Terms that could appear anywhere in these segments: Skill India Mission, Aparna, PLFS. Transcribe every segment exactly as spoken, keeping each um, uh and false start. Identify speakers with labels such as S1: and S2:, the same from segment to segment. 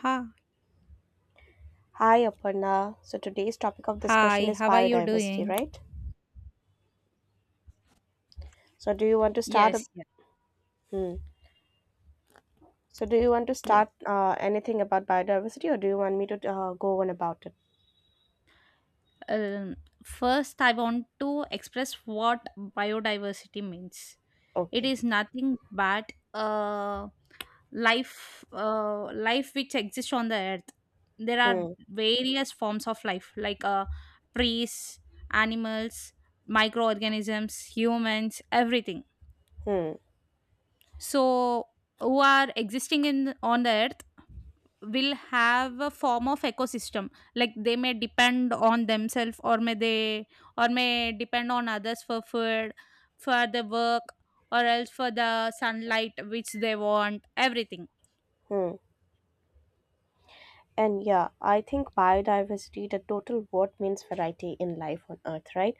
S1: Ha.
S2: Hi, Aparna. So today's topic of discussion
S1: Hi,
S2: is
S1: how are you
S2: biodiversity,
S1: doing?
S2: right? So do you want to start? a-
S1: Yes, yes,
S2: Hmm. So do you want to
S1: yes.
S2: start uh, anything about biodiversity, or do you want me to uh, go on about it?
S1: Um, First, I want to express what biodiversity means. It
S2: Okay.
S1: is nothing but uh, life, uh, life which exists on the earth. There are
S2: Hmm.
S1: various forms of life, like uh, trees, animals, microorganisms, humans, everything,
S2: Hmm.
S1: so who are existing in on the earth will have a form of ecosystem, like they may depend on themselves, or may they or may depend on others, for food, for the work, or else for the sunlight which they want, everything.
S2: Hmm. And yeah, I think biodiversity, the total word means variety in life on Earth, right?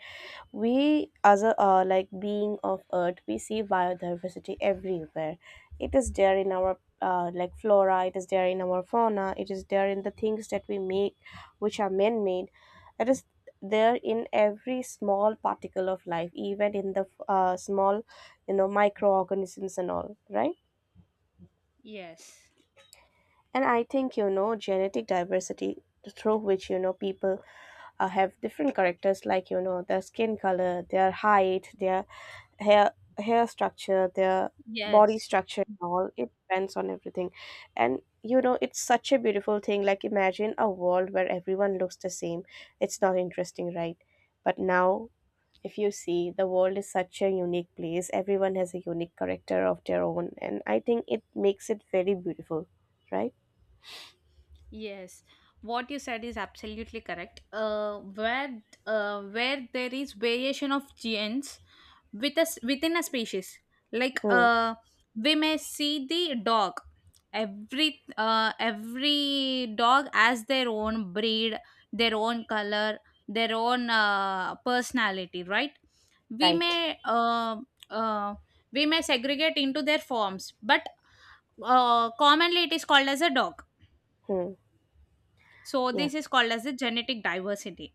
S2: We as a uh, like being of Earth, we see biodiversity everywhere. It is there in our uh, like flora, it is there in our fauna, it is there in the things that we make which are man made. It is there in every small particle of life, even in the uh, small, you know, microorganisms and all, right?
S1: Yes.
S2: And I think, you know, genetic diversity, through which, you know, people uh, have different characters, like, you know, their skin color, their height, their hair hair structure, their body
S1: Yes.
S2: structure and all, it depends on everything. And you know, it's such a beautiful thing. Like, imagine a world where everyone looks the same. It's not interesting, right? But now, if you see, the world is such a unique place. Everyone has a unique character of their own, and I think it makes it very beautiful, right?
S1: Yes, what you said is absolutely correct. Uh, where uh, where there is variation of genes with us within a species, like
S2: Hmm.
S1: uh, we may see the dog. Every uh, every dog has their own breed, their own color, their own uh, personality, right? We
S2: Right.
S1: may uh, uh, we may segregate into their forms, but uh, commonly it is called as a dog.
S2: Hmm.
S1: So
S2: Yeah.
S1: this is called as the genetic diversity.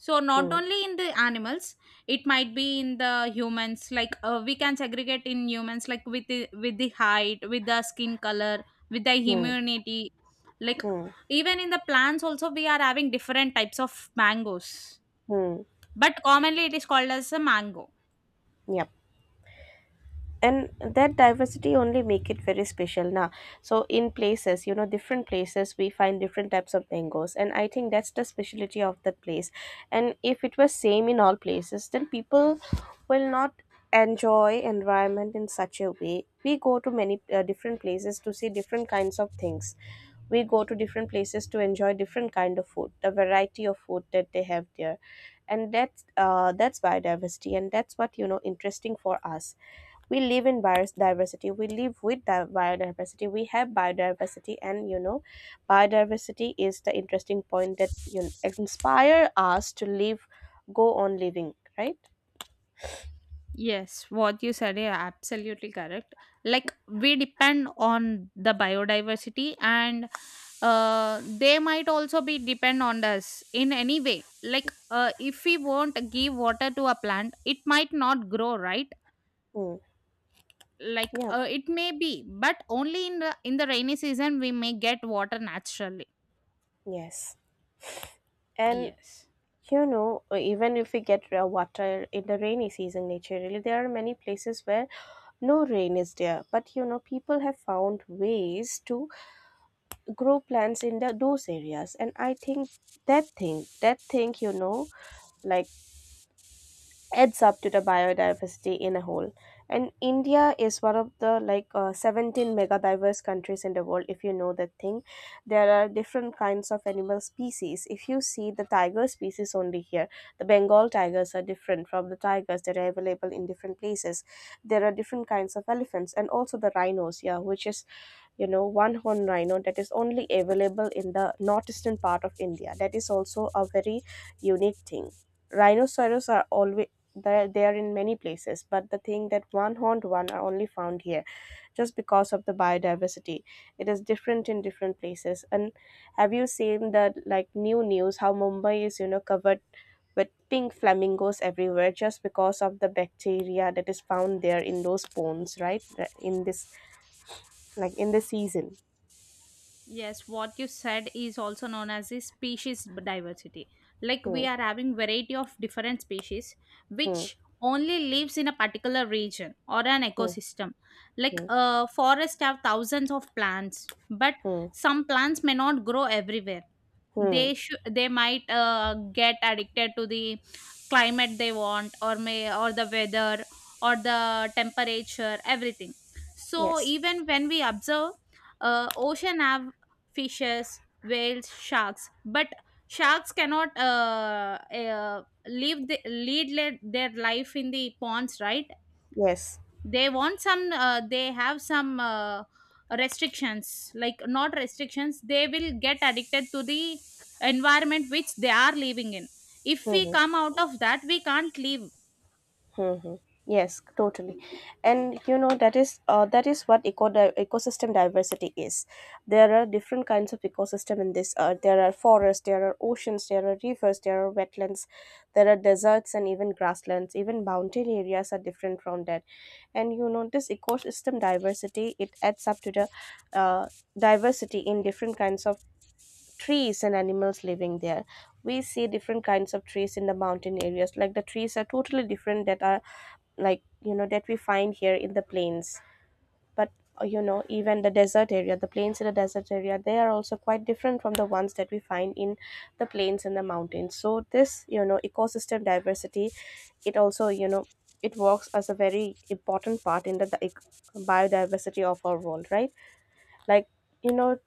S1: So not
S2: Hmm.
S1: only in the animals, it might be in the humans. Like uh, we can segregate in humans, like with the, with the height, with the skin color, with the
S2: Hmm.
S1: immunity. Like,
S2: Hmm. Hmm.
S1: even in the plants, also we are having different types of mangoes,
S2: Hmm.
S1: but commonly it is called as a mango.
S2: Yep. And that diversity only make it very special. Now so in places, you know, different places, we find different types of mangoes, and I think that's the specialty of that place. And if it was same in all places, then people will not enjoy environment in such a way. We go to many uh, different places to see different kinds of things. We go to different places to enjoy different kind of food, the variety of food that they have there. And that's uh, that's biodiversity, and that's what, you know, interesting for us. We live in biodiversity, we live with di- biodiversity, we have biodiversity, and you know, biodiversity is the interesting point that, you know, inspire us to live, go on living, right?
S1: Yes, what you said is absolutely correct. Like we depend on the biodiversity, and uh, they might also be depend on us in any way. Like uh, if we won't give water to a plant, it might not grow, right?
S2: Mm.
S1: Like
S2: Yeah.
S1: uh, it may be, but only in the in the rainy season we may get water naturally.
S2: Yes. And
S1: Yes.
S2: you know, even if we get uh, water in the rainy season naturally, there are many places where no rain is there, but you know, people have found ways to grow plants in the, those areas, and I think that thing that thing you know, like, adds up to the biodiversity in a whole. And India is one of the like uh, seventeen mega diverse countries in the world, if you know that thing. There are different kinds of animal species. If you see the tiger species only here, the Bengal tigers are different from the tigers that are available in different places. There are different kinds of elephants and also the rhinos, yeah, which is, you know, one horn rhino that is only available in the northeastern part of India, that is also a very unique thing. Rhinoceros are always there, they are in many places, but the thing that one horned one are only found here, just because of the biodiversity. It is different in different places. And have you seen the, like, new news, how Mumbai is, you know, covered with pink flamingos everywhere, just because of the bacteria that is found there in those ponds, right? In this, like, in the season.
S1: Yes, what you said is also known as the species diversity. Like
S2: Hmm.
S1: we are having variety of different species
S2: Hmm.
S1: which only lives in a particular region or an
S2: Hmm.
S1: ecosystem. Like
S2: Hmm.
S1: uh, forest have thousands of plants, but
S2: Hmm.
S1: some plants may not grow everywhere.
S2: Hmm.
S1: They should they might uh, get addicted to the climate they want, or may, or the weather, or the temperature, everything. So
S2: Yes.
S1: even when we observe uh, ocean have fishes, whales, sharks. But sharks cannot uh, uh, live the, lead le- their life in the ponds, right?
S2: Yes.
S1: They want some. Uh, they have some uh, restrictions, like not restrictions. They will get addicted to the environment which they are living in. If we
S2: Hmm.
S1: come out of that, we can't live.
S2: Hmm. Hmm. Yes. Totally. And you know, that is uh, that is what eco di- ecosystem diversity is. There are different kinds of ecosystem in this earth. There are forests. There are oceans. There are rivers. There are wetlands. There are deserts and even grasslands. Even mountain areas are different from that. And you know, this ecosystem diversity, it adds up to the uh, diversity in different kinds of trees and animals living there. We see different kinds of trees in the mountain areas. Like, the trees are totally different that are, like, you know, that we find here in the plains. But uh, you know, even the desert area, the plains in the desert area, they are also quite different from the ones that we find in the plains and the mountains. So this, you know, ecosystem diversity, it also, you know, it works as a very important part in the, the ec- biodiversity of our world, right? Like, you know,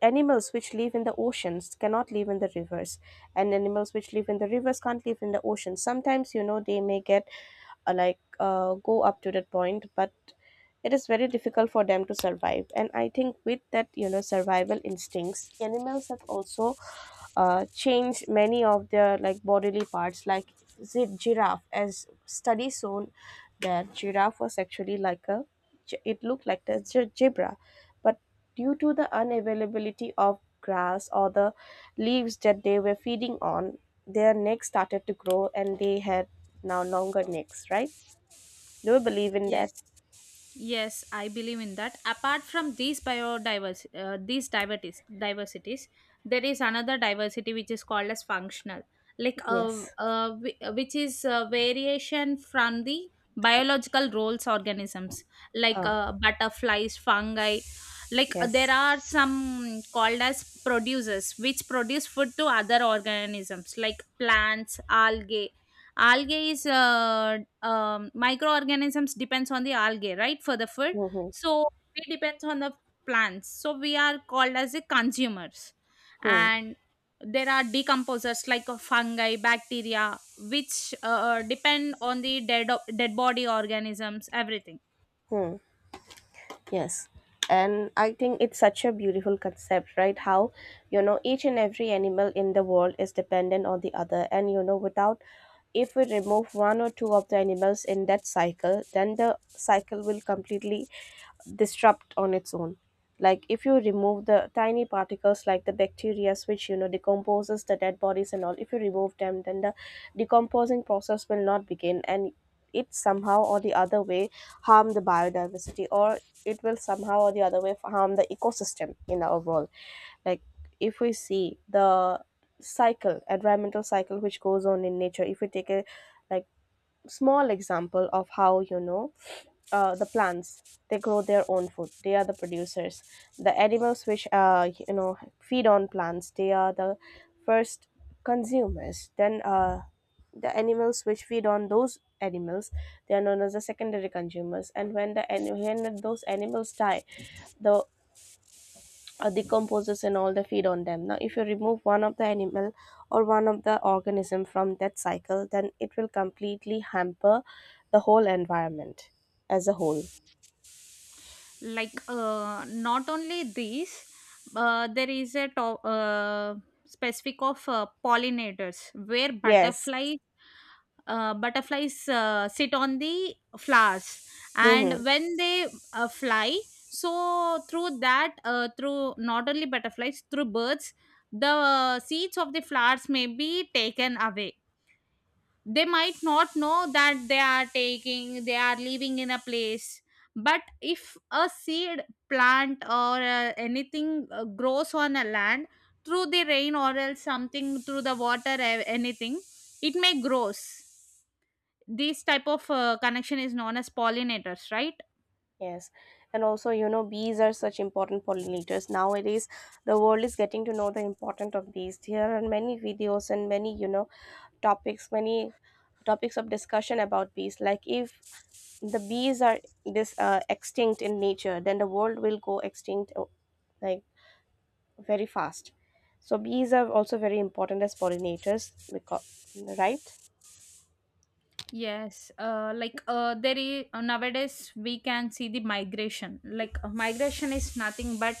S2: animals which live in the oceans cannot live in the rivers, and animals which live in the rivers can't live in the ocean. Sometimes, you know, they may get uh, like uh, go up to that point, but it is very difficult for them to survive. And I think with that, you know, survival instincts, animals have also uh, changed many of their, like, bodily parts. Like, zi- giraffe, as studies shown, that giraffe was actually like a ge- it looked like the ge- zebra. But due to the unavailability of grass or the leaves that they were feeding on, their necks started to grow, and they had now longer necks, right? Do you believe in that?
S1: Yes, yes, I believe in that. Apart from these biodiversity, uh, these diversities, diversities, there is another diversity which is called as functional, like uh,
S2: Yes.
S1: uh, whi- uh, which is uh, variation from the biological roles organisms, like
S2: Huh.
S1: uh, butterflies, fungi. Like uh, there
S2: Yes.
S1: are some called as producers which produce food to other organisms, like plants, algae. Algae is uh, um, microorganisms depends on the algae, right, for the food.
S2: Hmm.
S1: So we depends on the plants, so we are called as the consumers.
S2: Hmm.
S1: And there are decomposers, like a fungi bacteria which uh, depend on the dead dead body organisms, everything.
S2: Hmm. Yes. And I think it's such a beautiful concept, right? How, you know, each and every animal in the world is dependent on the other. And, you know, without, if we remove one or two of the animals in that cycle, then the cycle will completely disrupt on its own. Like, if you remove the tiny particles like the bacteria, which, you know, decomposes the dead bodies and all, if you remove them, then the decomposing process will not begin, and it somehow or the other way harm the biodiversity, or it will somehow or the other way harm the ecosystem in our world. Like, if we see the cycle, environmental cycle, which goes on in nature, if we take a, like, small example of how, you know, uh, the plants, they grow their own food, they are the producers. The animals which, uh, you know, feed on plants, they are the first consumers. Then uh, the animals which feed on those animals, they are known as the secondary consumers. And when the an- when those animals die, the uh, decomposes and all the feed on them. Now if you remove one of the animal or one of the organism from that cycle, then it will completely hamper the whole environment as a whole.
S1: Like uh, not only these, uh, there is a to- uh, specific of uh, pollinators where
S2: Yes.
S1: butterflies uh, butterflies uh, sit on the flowers, and
S2: Hmm.
S1: when they uh, fly, so through that, uh, through not only butterflies, through birds, the seeds of the flowers may be taken away. They might not know that they are taking, they are living in a place, but if a seed plant or uh, anything uh, grows on a land, through the rain or else something, through the water, a- anything, it may grows. This type of uh, connection is known as pollinators, right?
S2: Yes, and also, you know, bees are such important pollinators. Nowadays, the world is getting to know the importance of bees. There are many videos and many, you know, topics, many topics of discussion about bees. Like, if the bees are this uh, extinct in nature, then the world will go extinct uh, like very fast. So bees are also very important as pollinators, because, right?
S1: Yes, uh, like uh, there is nowadays we can see the migration. Like uh, migration is nothing but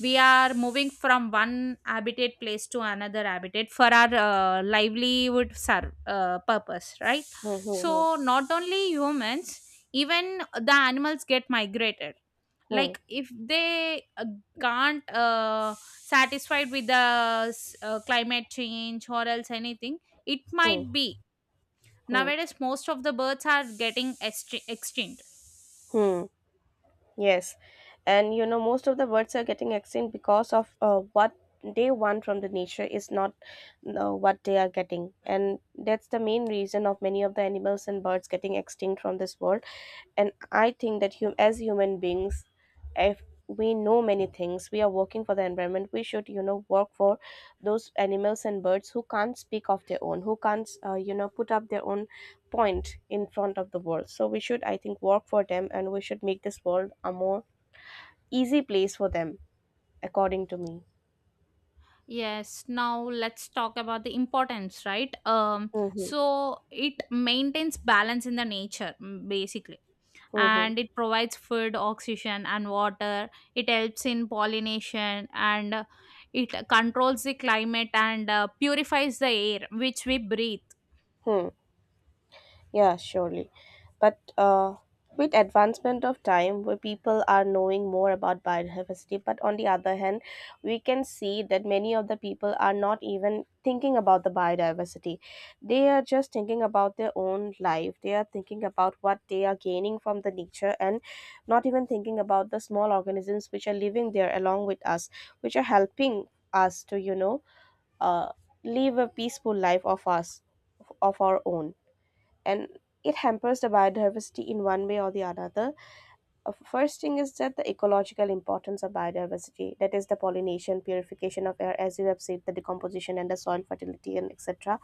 S1: we are moving from one habitat place to another habitat for our uh, livelihood ser- uh, purpose, right?
S2: Hmm, hmm,
S1: So not only humans, even the animals get migrated.
S2: hmm, hmm,
S1: Like if they uh, can't uh, satisfied with the s- uh, climate change or else anything, it
S2: hmm,
S1: might be.
S2: hmm,
S1: Nowadays, most of the birds are getting extin- extinct.
S2: hmm. Yes, and you know, most of the birds are getting extinct because of uh, what they want from the nature is not uh, what they are getting, and that's the main reason of many of the animals and birds getting extinct from this world. And I think that, hum- as human beings, if we know many things, we are working for the environment. We should, you know, work for those animals and birds who can't speak of their own, who can't uh, you know, put up their own point in front of the world. So we should, I think, work for them, and we should make this world a more easy place for them, according to me.
S1: Yes, now let's talk about the importance, right? Um,
S2: Mm-hmm.
S1: so it maintains balance in the nature, mm, basically,
S2: Mm-hmm.
S1: and it provides food, oxygen, and water. It helps in pollination, and uh, it controls the climate, and uh, purifies the air which we breathe.
S2: Hmm. Yeah, surely. But uh, with advancement of time, where people are knowing more about biodiversity, but on the other hand, we can see that many of the people are not even thinking about the biodiversity. They are just thinking about their own life. They are thinking about what they are gaining from the nature, and not even thinking about the small organisms which are living there along with us, which are helping us to, you know, uh, live a peaceful life of us, of our own, and it hampers the biodiversity in one way or the another. Uh, First thing is that the ecological importance of biodiversity, that is the pollination, purification of air, as you have said, the decomposition and the soil fertility and et cetera.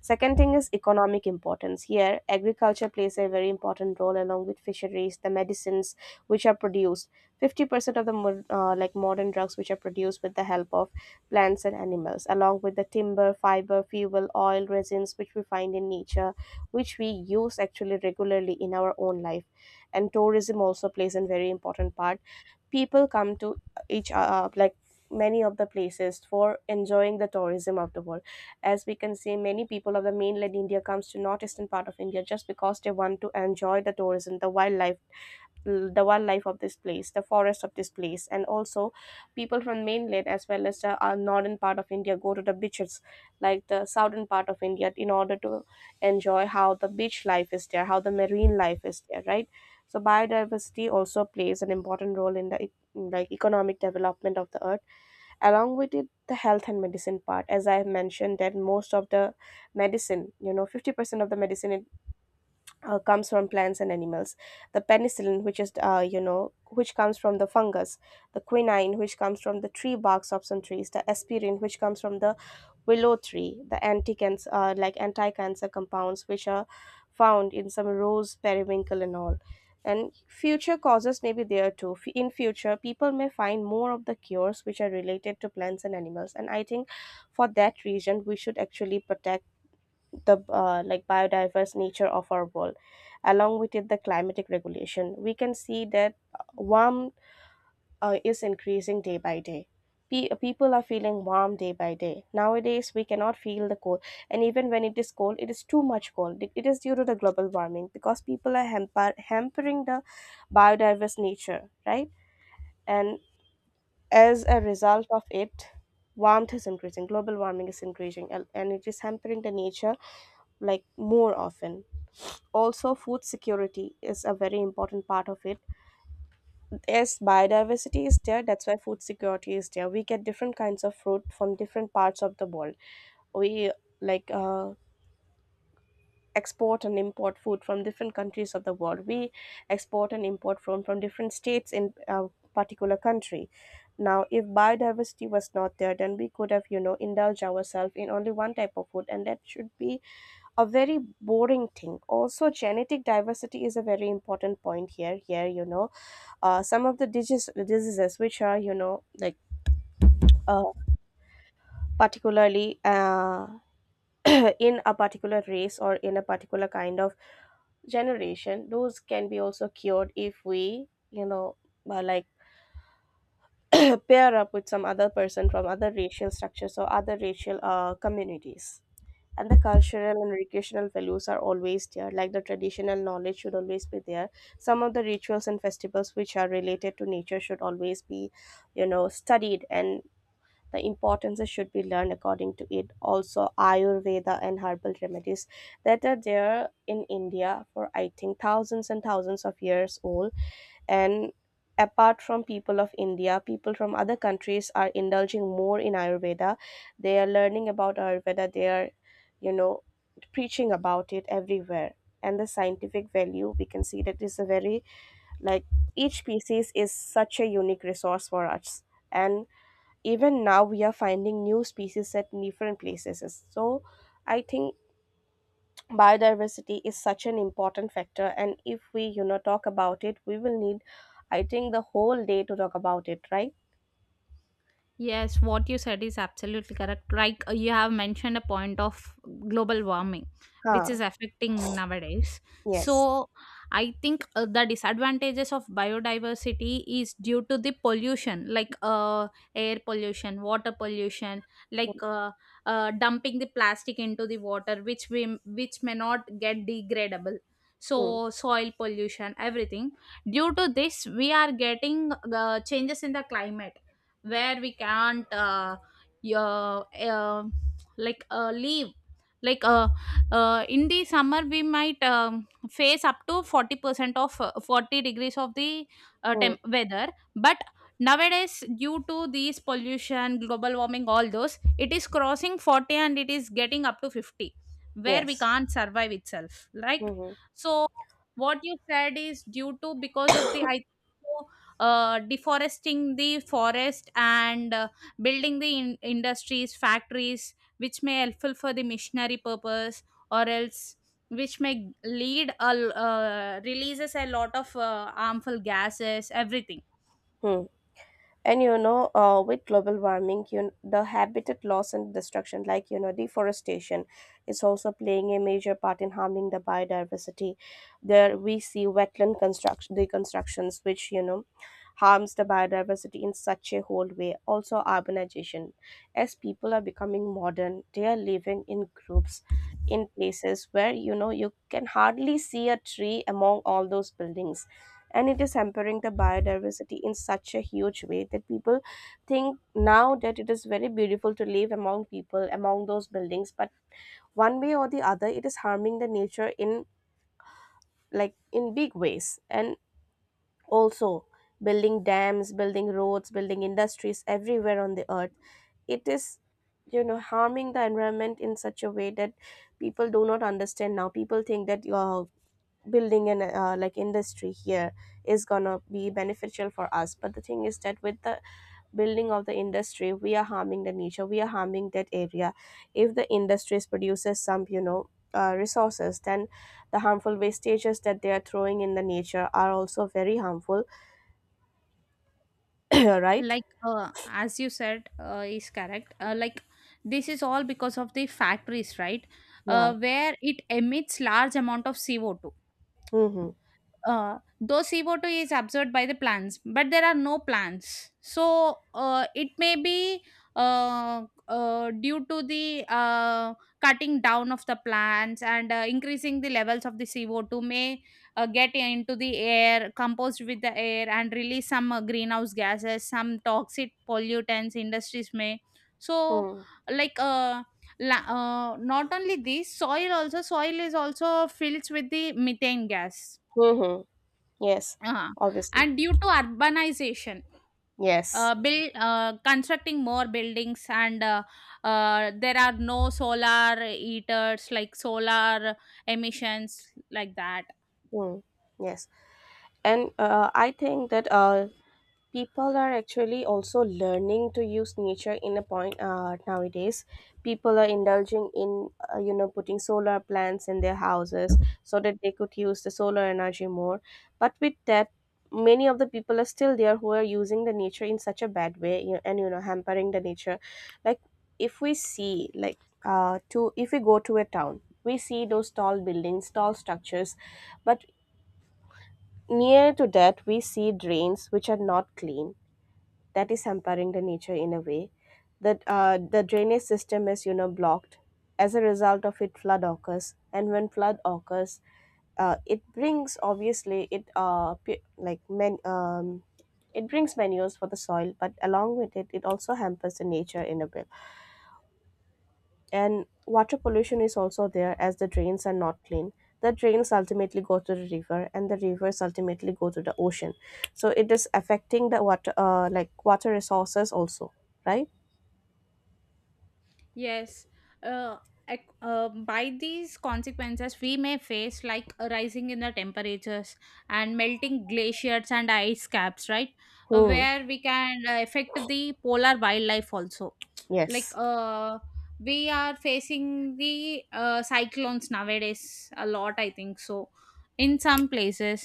S2: Second thing is economic importance. Here, agriculture plays a very important role along with fisheries, the medicines which are produced. fifty percent of the mod- uh, like modern drugs which are produced with the help of plants and animals, along with the timber, fiber, fuel, oil, resins which we find in nature, which we use actually regularly in our own life. And tourism also plays a very important part. People come to each uh, uh, like many of the places for enjoying the tourism of the world. As we can see, many people of the mainland India comes to northeastern part of India just because they want to enjoy the tourism, the wildlife the wildlife of this place, the forest of this place. And also, people from mainland as well as the uh, northern part of India go to the beaches, like the southern part of India, in order to enjoy how the beach life is there, how the marine life is there, right? So biodiversity also plays an important role in the e- like economic development of the earth. Along with it, the health and medicine part, as I have mentioned, that most of the medicine, you know fifty percent of the medicine, uh, comes from plants and animals. The penicillin, which is uh, you know which comes from the fungus, the quinine which comes from the tree barks of some trees, the aspirin which comes from the willow tree, the anti-cancer uh, like anti-cancer compounds which are found in some rose periwinkle and all. And future causes may be there too. F- in future, people may find more of the cures which are related to plants and animals. And I think for that reason we should actually protect the uh, like biodiverse nature of our world. Along with it, the climatic regulation, we can see that uh, warm uh, is increasing day by day. Pe- people are feeling warm day by day nowadays. We cannot feel the cold, and even when it is cold, it is too much cold. It it is due to the global warming, because people are hamper- hampering the biodiverse nature, right? And as a result of it, warmth is increasing, global warming is increasing, and and it is hampering the nature, like, more often. Also, food security is a very important part of it. As biodiversity is there, that's why food security is there. We get different kinds of fruit from different parts of the world. We, like, uh, export and import food from different countries of the world. We export and import from from different states in a particular country. Now if biodiversity was not there, then we could have, you know indulged ourselves in only one type of food, and that should be a very boring thing. Also, genetic diversity is a very important point here. Here you know uh, some of the digis- diseases which are, you know like, uh, particularly, uh, in a particular race or in a particular kind of generation, those can be also cured if we, you know uh, like, pair up with some other person from other racial structures or other racial uh, communities. And the cultural and recreational values are always there, like the traditional knowledge should always be there. Some of the rituals and festivals which are related to nature should always be, you know studied, and the importances should be learned according to it. Also, Ayurveda and herbal remedies that are there in India for, I think, thousands and thousands of years old. And apart from people of India, people from other countries are indulging more in Ayurveda. They are learning about Ayurveda. They are, you know, preaching about it everywhere. And the scientific value, we can see that is a very, like, each species is such a unique resource for us. And even now, we are finding new species at different places. So I think biodiversity is such an important factor, and if we, you know talk about it, we will need, I think, the whole day to talk about it, right?
S1: Yes, what you said is absolutely correct. Like uh, you have mentioned a point of global warming,
S2: Huh.
S1: which is affecting nowadays.
S2: Yes.
S1: So I think uh, the disadvantages of biodiversity is due to the pollution, like uh, air pollution, water pollution, like uh, uh, dumping the plastic into the water, which we which may not get degradable.
S2: Hmm.
S1: So soil pollution, everything. Due to this, we are getting uh, changes in the climate where we can't uh, yeah, uh, um, like uh, leave, like uh, uh, in the summer we might um, face up to forty percent of uh, forty degrees of the uh,
S2: Hmm.
S1: temp- weather. But nowadays, due to these pollution, global warming, all those, it is crossing forty, and it is getting up to fifty, where we
S2: Yes.
S1: can't survive itself. Like,
S2: Mm-hmm.
S1: so what you said is due to because of the I uh, deforesting the forest, and uh, building the in- industries, factories, which may helpful for the missionary purpose, or else which may lead a l- uh, releases a lot of uh, harmful gases, everything.
S2: Hmm. and you know uh, with global warming, you kn- the habitat loss and destruction, like, you know deforestation is also playing a major part in harming the biodiversity. There we see wetland construction, deconstructions, which, you know harms the biodiversity in such a whole way. Also, urbanization: as people are becoming modern, they are living in groups in places where, you know you can hardly see a tree among all those buildings. And it is hampering the biodiversity in such a huge way that people think now that it is very beautiful to live among people, among those buildings, but one way or the other, it is harming the nature in, like, in big ways. And also, building dams, building roads, building industries everywhere on the earth, it is, you know harming the environment in such a way that people do not understand. Now people think that you're building an uh, like industry here is gonna be beneficial for us, but the thing is that with the building of the industry, we are harming the nature, we are harming that area. If the industries produces some, you know uh, resources, then the harmful wastages that they are throwing in the nature are also very harmful. Right.
S1: Like uh, as you said uh, is correct, uh, like this is all because of the factories, right?
S2: Yeah.
S1: Uh, where it emits large amount of C O two.
S2: Mm-hmm.
S1: Uh, though C O two is absorbed by the plants, but there are no plants. So uh, it may be uh, uh, due to the uh, cutting down of the plants, and uh, increasing the levels of the C O two may uh, get into the air, composed with the air, and release some uh, greenhouse gases, some toxic pollutants industries may. So,
S2: Hmm.
S1: like, uh, la- uh, not only this, soil also, soil is also filled with the methane gas.
S2: Hmm. Yes.
S1: uh
S2: Obviously.
S1: And due to urbanization,
S2: Yes.
S1: uh, build uh, constructing more buildings, and uh, uh, there are no solar heaters, like solar emissions, like that.
S2: Mm, yes. And uh, I think that, uh, people are actually also learning to use nature in a point, uh, nowadays. People are indulging in, uh, you know, putting solar plants in their houses so that they could use the solar energy more. But with that, many of the people are still there who are using the nature in such a bad way, you, and, you know, hampering the nature. Like, if we see, like, uh, to if we go to a town, we see those tall buildings, tall structures, but near to that, we see drains which are not clean. That is hampering the nature in a way. That, uh, the drainage system is, you know, blocked. As a result of it, flood occurs, and when flood occurs, uh, it brings, obviously, it uh pu- like men um, it brings manures for the soil, but along with it, it also hampers the nature in a way. And water pollution is also there, as the drains are not clean. The drains ultimately go to the river, and the rivers ultimately go to the ocean. So it is affecting the water, uh, like water resources also, right?
S1: Yes, uh, ac- uh, by these consequences, we may face like a rising in the temperatures and melting glaciers and ice caps, right?
S2: Hmm.
S1: Where we can uh, affect the polar wildlife also. Like
S2: Yes.
S1: uh we are facing the uh, cyclones nowadays a lot, I think so, in some places.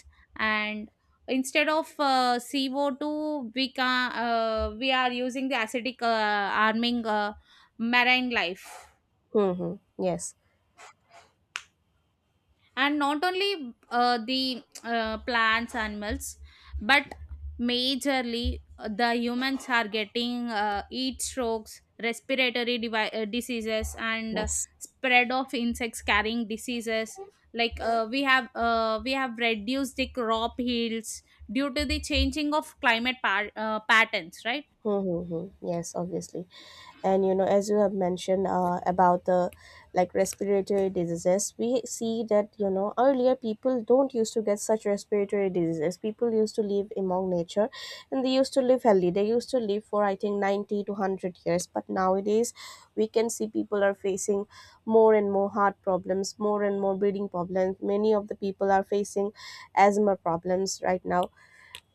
S1: And instead of uh, C O two, we can uh, we are using the acidic uh, arming uh, marine life.
S2: Hmm. Hmm. Yes.
S1: And not only uh, the uh, plants animals, but majorly uh, the humans are getting uh, heat strokes, respiratory devi- uh, diseases, and uh,
S2: Yes.
S1: spread of insects carrying diseases. Like uh, we have uh, we have reduced the crop yields due to the changing of climate par- uh, patterns, right?
S2: Hmm. Hmm, hmm. Yes. Obviously. And you know as you have mentioned uh, about the, like, respiratory diseases, we see that, you know earlier people don't used to get such respiratory diseases. People used to live among nature, and they used to live healthy. They used to live for, I think, ninety to one hundred years, but nowadays we can see people are facing more and more heart problems, more and more breathing problems. Many of the people are facing asthma problems right now,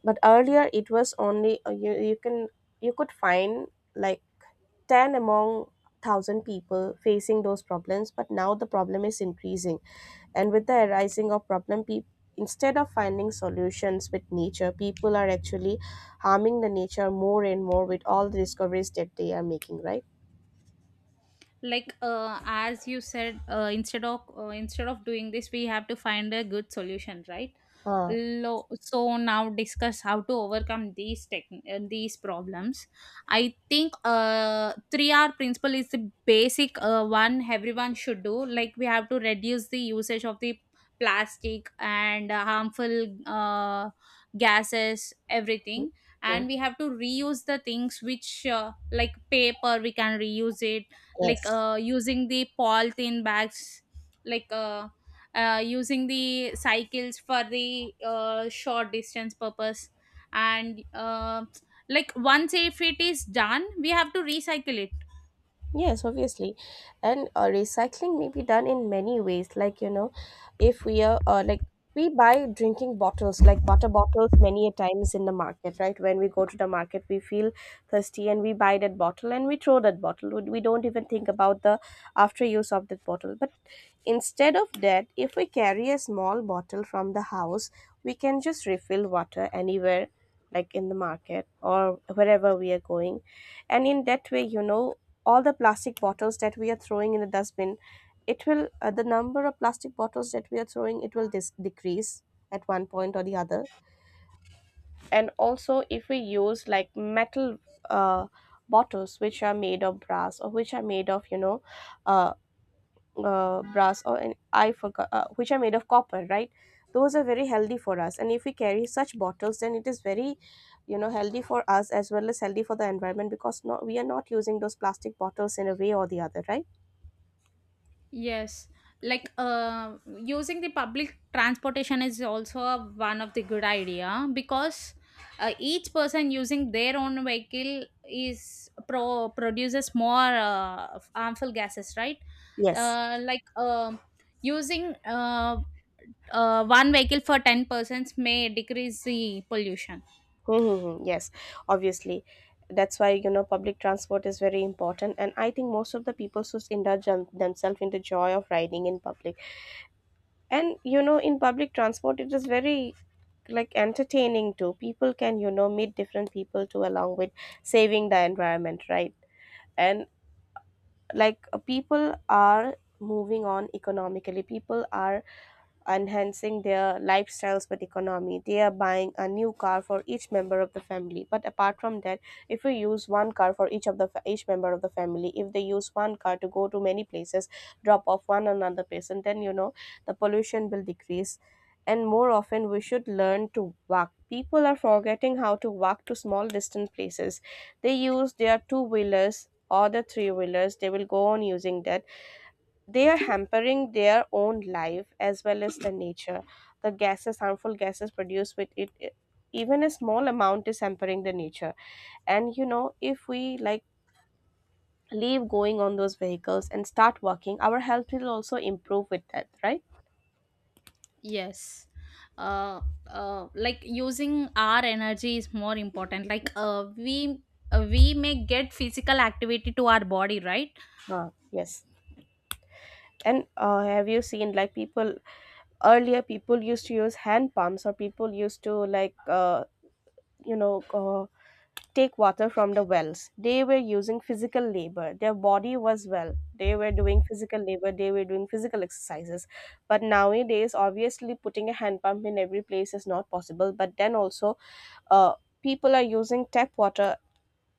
S2: but earlier it was only uh, you, you can you could find, like, ten among one thousand people facing those problems. But now the problem is increasing, and with the arising of problem, people, instead of finding solutions with nature, people are actually harming the nature more and more with all the discoveries that they are making, right?
S1: Like uh, as you said, uh, instead of uh, instead of doing this, we have to find a good solution, right?
S2: Huh.
S1: Lo- so now discuss how to overcome these tech, uh, these problems. I think uh three R principle is the basic uh, one everyone should do. Like we have to reduce the usage of the plastic and uh, harmful uh, gases, everything.
S2: Hmm.
S1: And we have to reuse the things which, uh, like paper we can reuse it. Like
S2: Yes.
S1: uh, using the polythene bags, like uh, uh, using the cycles for the uh, short distance purpose. And uh, like once if it is done we have to recycle it.
S2: Yes, obviously. And uh, recycling may be done in many ways. Like, you know, if we are uh, like, we buy drinking bottles, like water bottles, many a times in the market, right? When we go to the market, we feel thirsty, and we buy that bottle, and we throw that bottle. We we don't even think about the after use of that bottle. But instead of that, if we carry a small bottle from the house, we can just refill water anywhere, like in the market or wherever we are going. And in that way, you know all the plastic bottles that we are throwing in the dustbin, it will uh, the number of plastic bottles that we are throwing, it will dis- decrease at one point or the other. And also, if we use, like, metal uh, bottles which are made of brass, or which are made of, you know uh, uh, brass, or an I forgot, uh, which are made of copper, right? Those are very healthy for us, and if we carry such bottles, then it is very, you know healthy for us as well as healthy for the environment, because not, we are not using those plastic bottles in a way or the other, right?
S1: Yes, like uh, using the public transportation is also a, one of the good idea, because uh, each person using their own vehicle is pro produces more uh, harmful gases, right?
S2: Yes.
S1: Uh, like um using uh, uh, one vehicle for ten persons may decrease the pollution.
S2: Mm-hmm. Yes. Obviously. That's why, you know, public transport is very important. And I think most of the people just indulge them- themselves in the joy of riding in public. And, you know, in public transport, it is very, like, entertaining too. People can, you know, meet different people too, along with saving the environment, right? And, like, uh, people are moving on economically. People are enhancing their lifestyles with economy. They are buying a new car for each member of the family. But apart from that, if we use one car for each of the fa- each member of the family, if they use one car to go to many places, drop off one another person, then, you know the pollution will decrease. And more often, we should learn to walk. People are forgetting how to walk to small distant places. They use their two wheelers or the three wheelers. They will go on using that. They are hampering their own life as well as the nature. The gases harmful gases produced with it, it- even a small amount is hampering the nature. And, you know if we, like, leave going on those vehicles and start working, our health will also improve with that, right?
S1: Yes, uh, uh like using our energy is more important, like uh we uh, we may get physical activity to our body, right?
S2: Uh, yes. And uh, have you seen, like, people, earlier people used to use hand pumps, or people used to, like, uh, you know uh, take water from the wells. They were using physical labor. Their body was well. They were doing physical labor. They were doing physical exercises. But nowadays, obviously, putting a hand pump in every place is not possible. But then also, uh, people are using tap water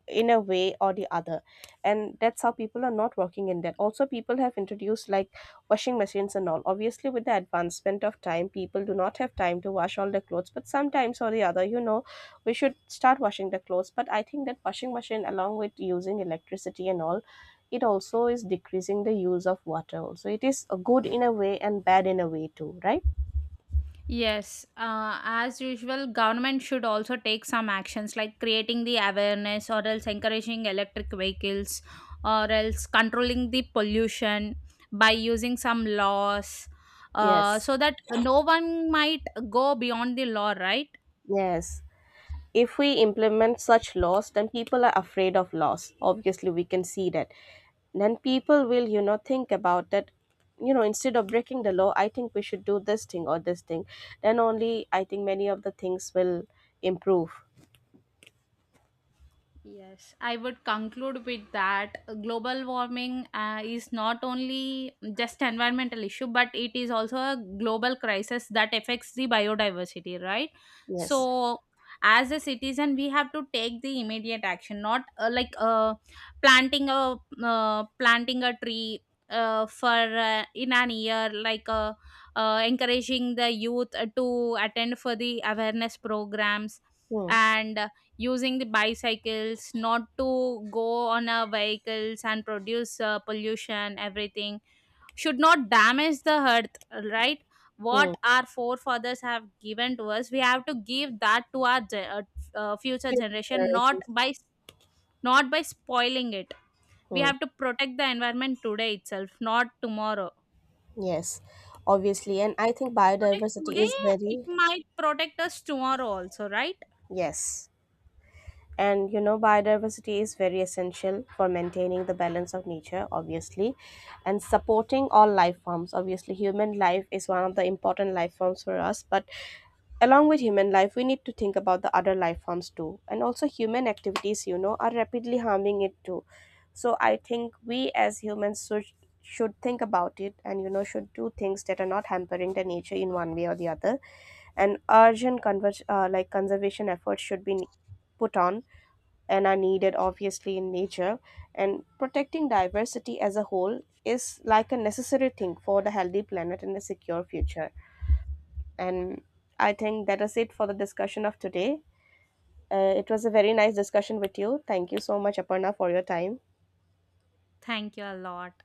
S2: in a way or the other. And that's how people are not working. In that also, people have introduced, like, washing machines and all. Obviously, with the advancement of time, people do not have time to wash all the clothes, but sometimes or the other, you know we should start washing the clothes. But I think that washing machine, along with using electricity and all, it also is decreasing the use of water. Also, it is a good in a way and bad in a way too, right?
S1: Yes, uh, as usual, government should also take some actions, like creating the awareness, or else encouraging electric vehicles, or else controlling the pollution by using some laws, uh,
S2: Yes.
S1: so that no one might go beyond the law, right?
S2: Yes. If we implement such laws, then people are afraid of loss, obviously, we can see that. Then people will, you know think about that, you know instead of breaking the law, I think we should do this thing or this thing. Then only, I think, many of the things will improve.
S1: Yes, I would conclude with that global warming uh, is not only just environmental issue, but it is also a global crisis that affects the biodiversity, right?
S2: Yes.
S1: So, as a citizen, we have to take the immediate action, not uh, like uh, planting a uh, planting a tree uh, for uh, in an year, like uh, uh, encouraging the youth uh, to attend for the awareness programs,
S2: Hmm.
S1: and using the bicycles, not to go on our vehicles and produce uh, pollution, everything. Should not damage the earth, right? What
S2: Hmm.
S1: our forefathers have given to us, we have to give that to our ge- uh, uh, future
S2: Future
S1: generation, not
S2: generations.
S1: by not by spoiling it. We
S2: Hmm.
S1: have to protect the environment today itself, not tomorrow.
S2: Yes, obviously. And I think
S1: Protect
S2: biodiversity
S1: today,
S2: is
S1: it
S2: very,
S1: might protect us tomorrow also, right?
S2: yes. And, you know biodiversity is very essential for maintaining the balance of nature, obviously, and supporting all life forms. Obviously, human life is one of the important life forms for us, but along with human life, we need to think about the other life forms too. And also, human activities, you know are rapidly harming it too. So I think we as humans should should think about it, and, you know should do things that are not hampering the nature in one way or the other. And urgent conver- uh, like conservation efforts should be put on and are needed, obviously, in nature. And protecting diversity as a whole is, like, a necessary thing for the healthy planet and a secure future. And I think that is it for the discussion of today. Uh, it was a very nice discussion with you. Thank you so much, Aparna, for your time.
S1: Thank you a lot.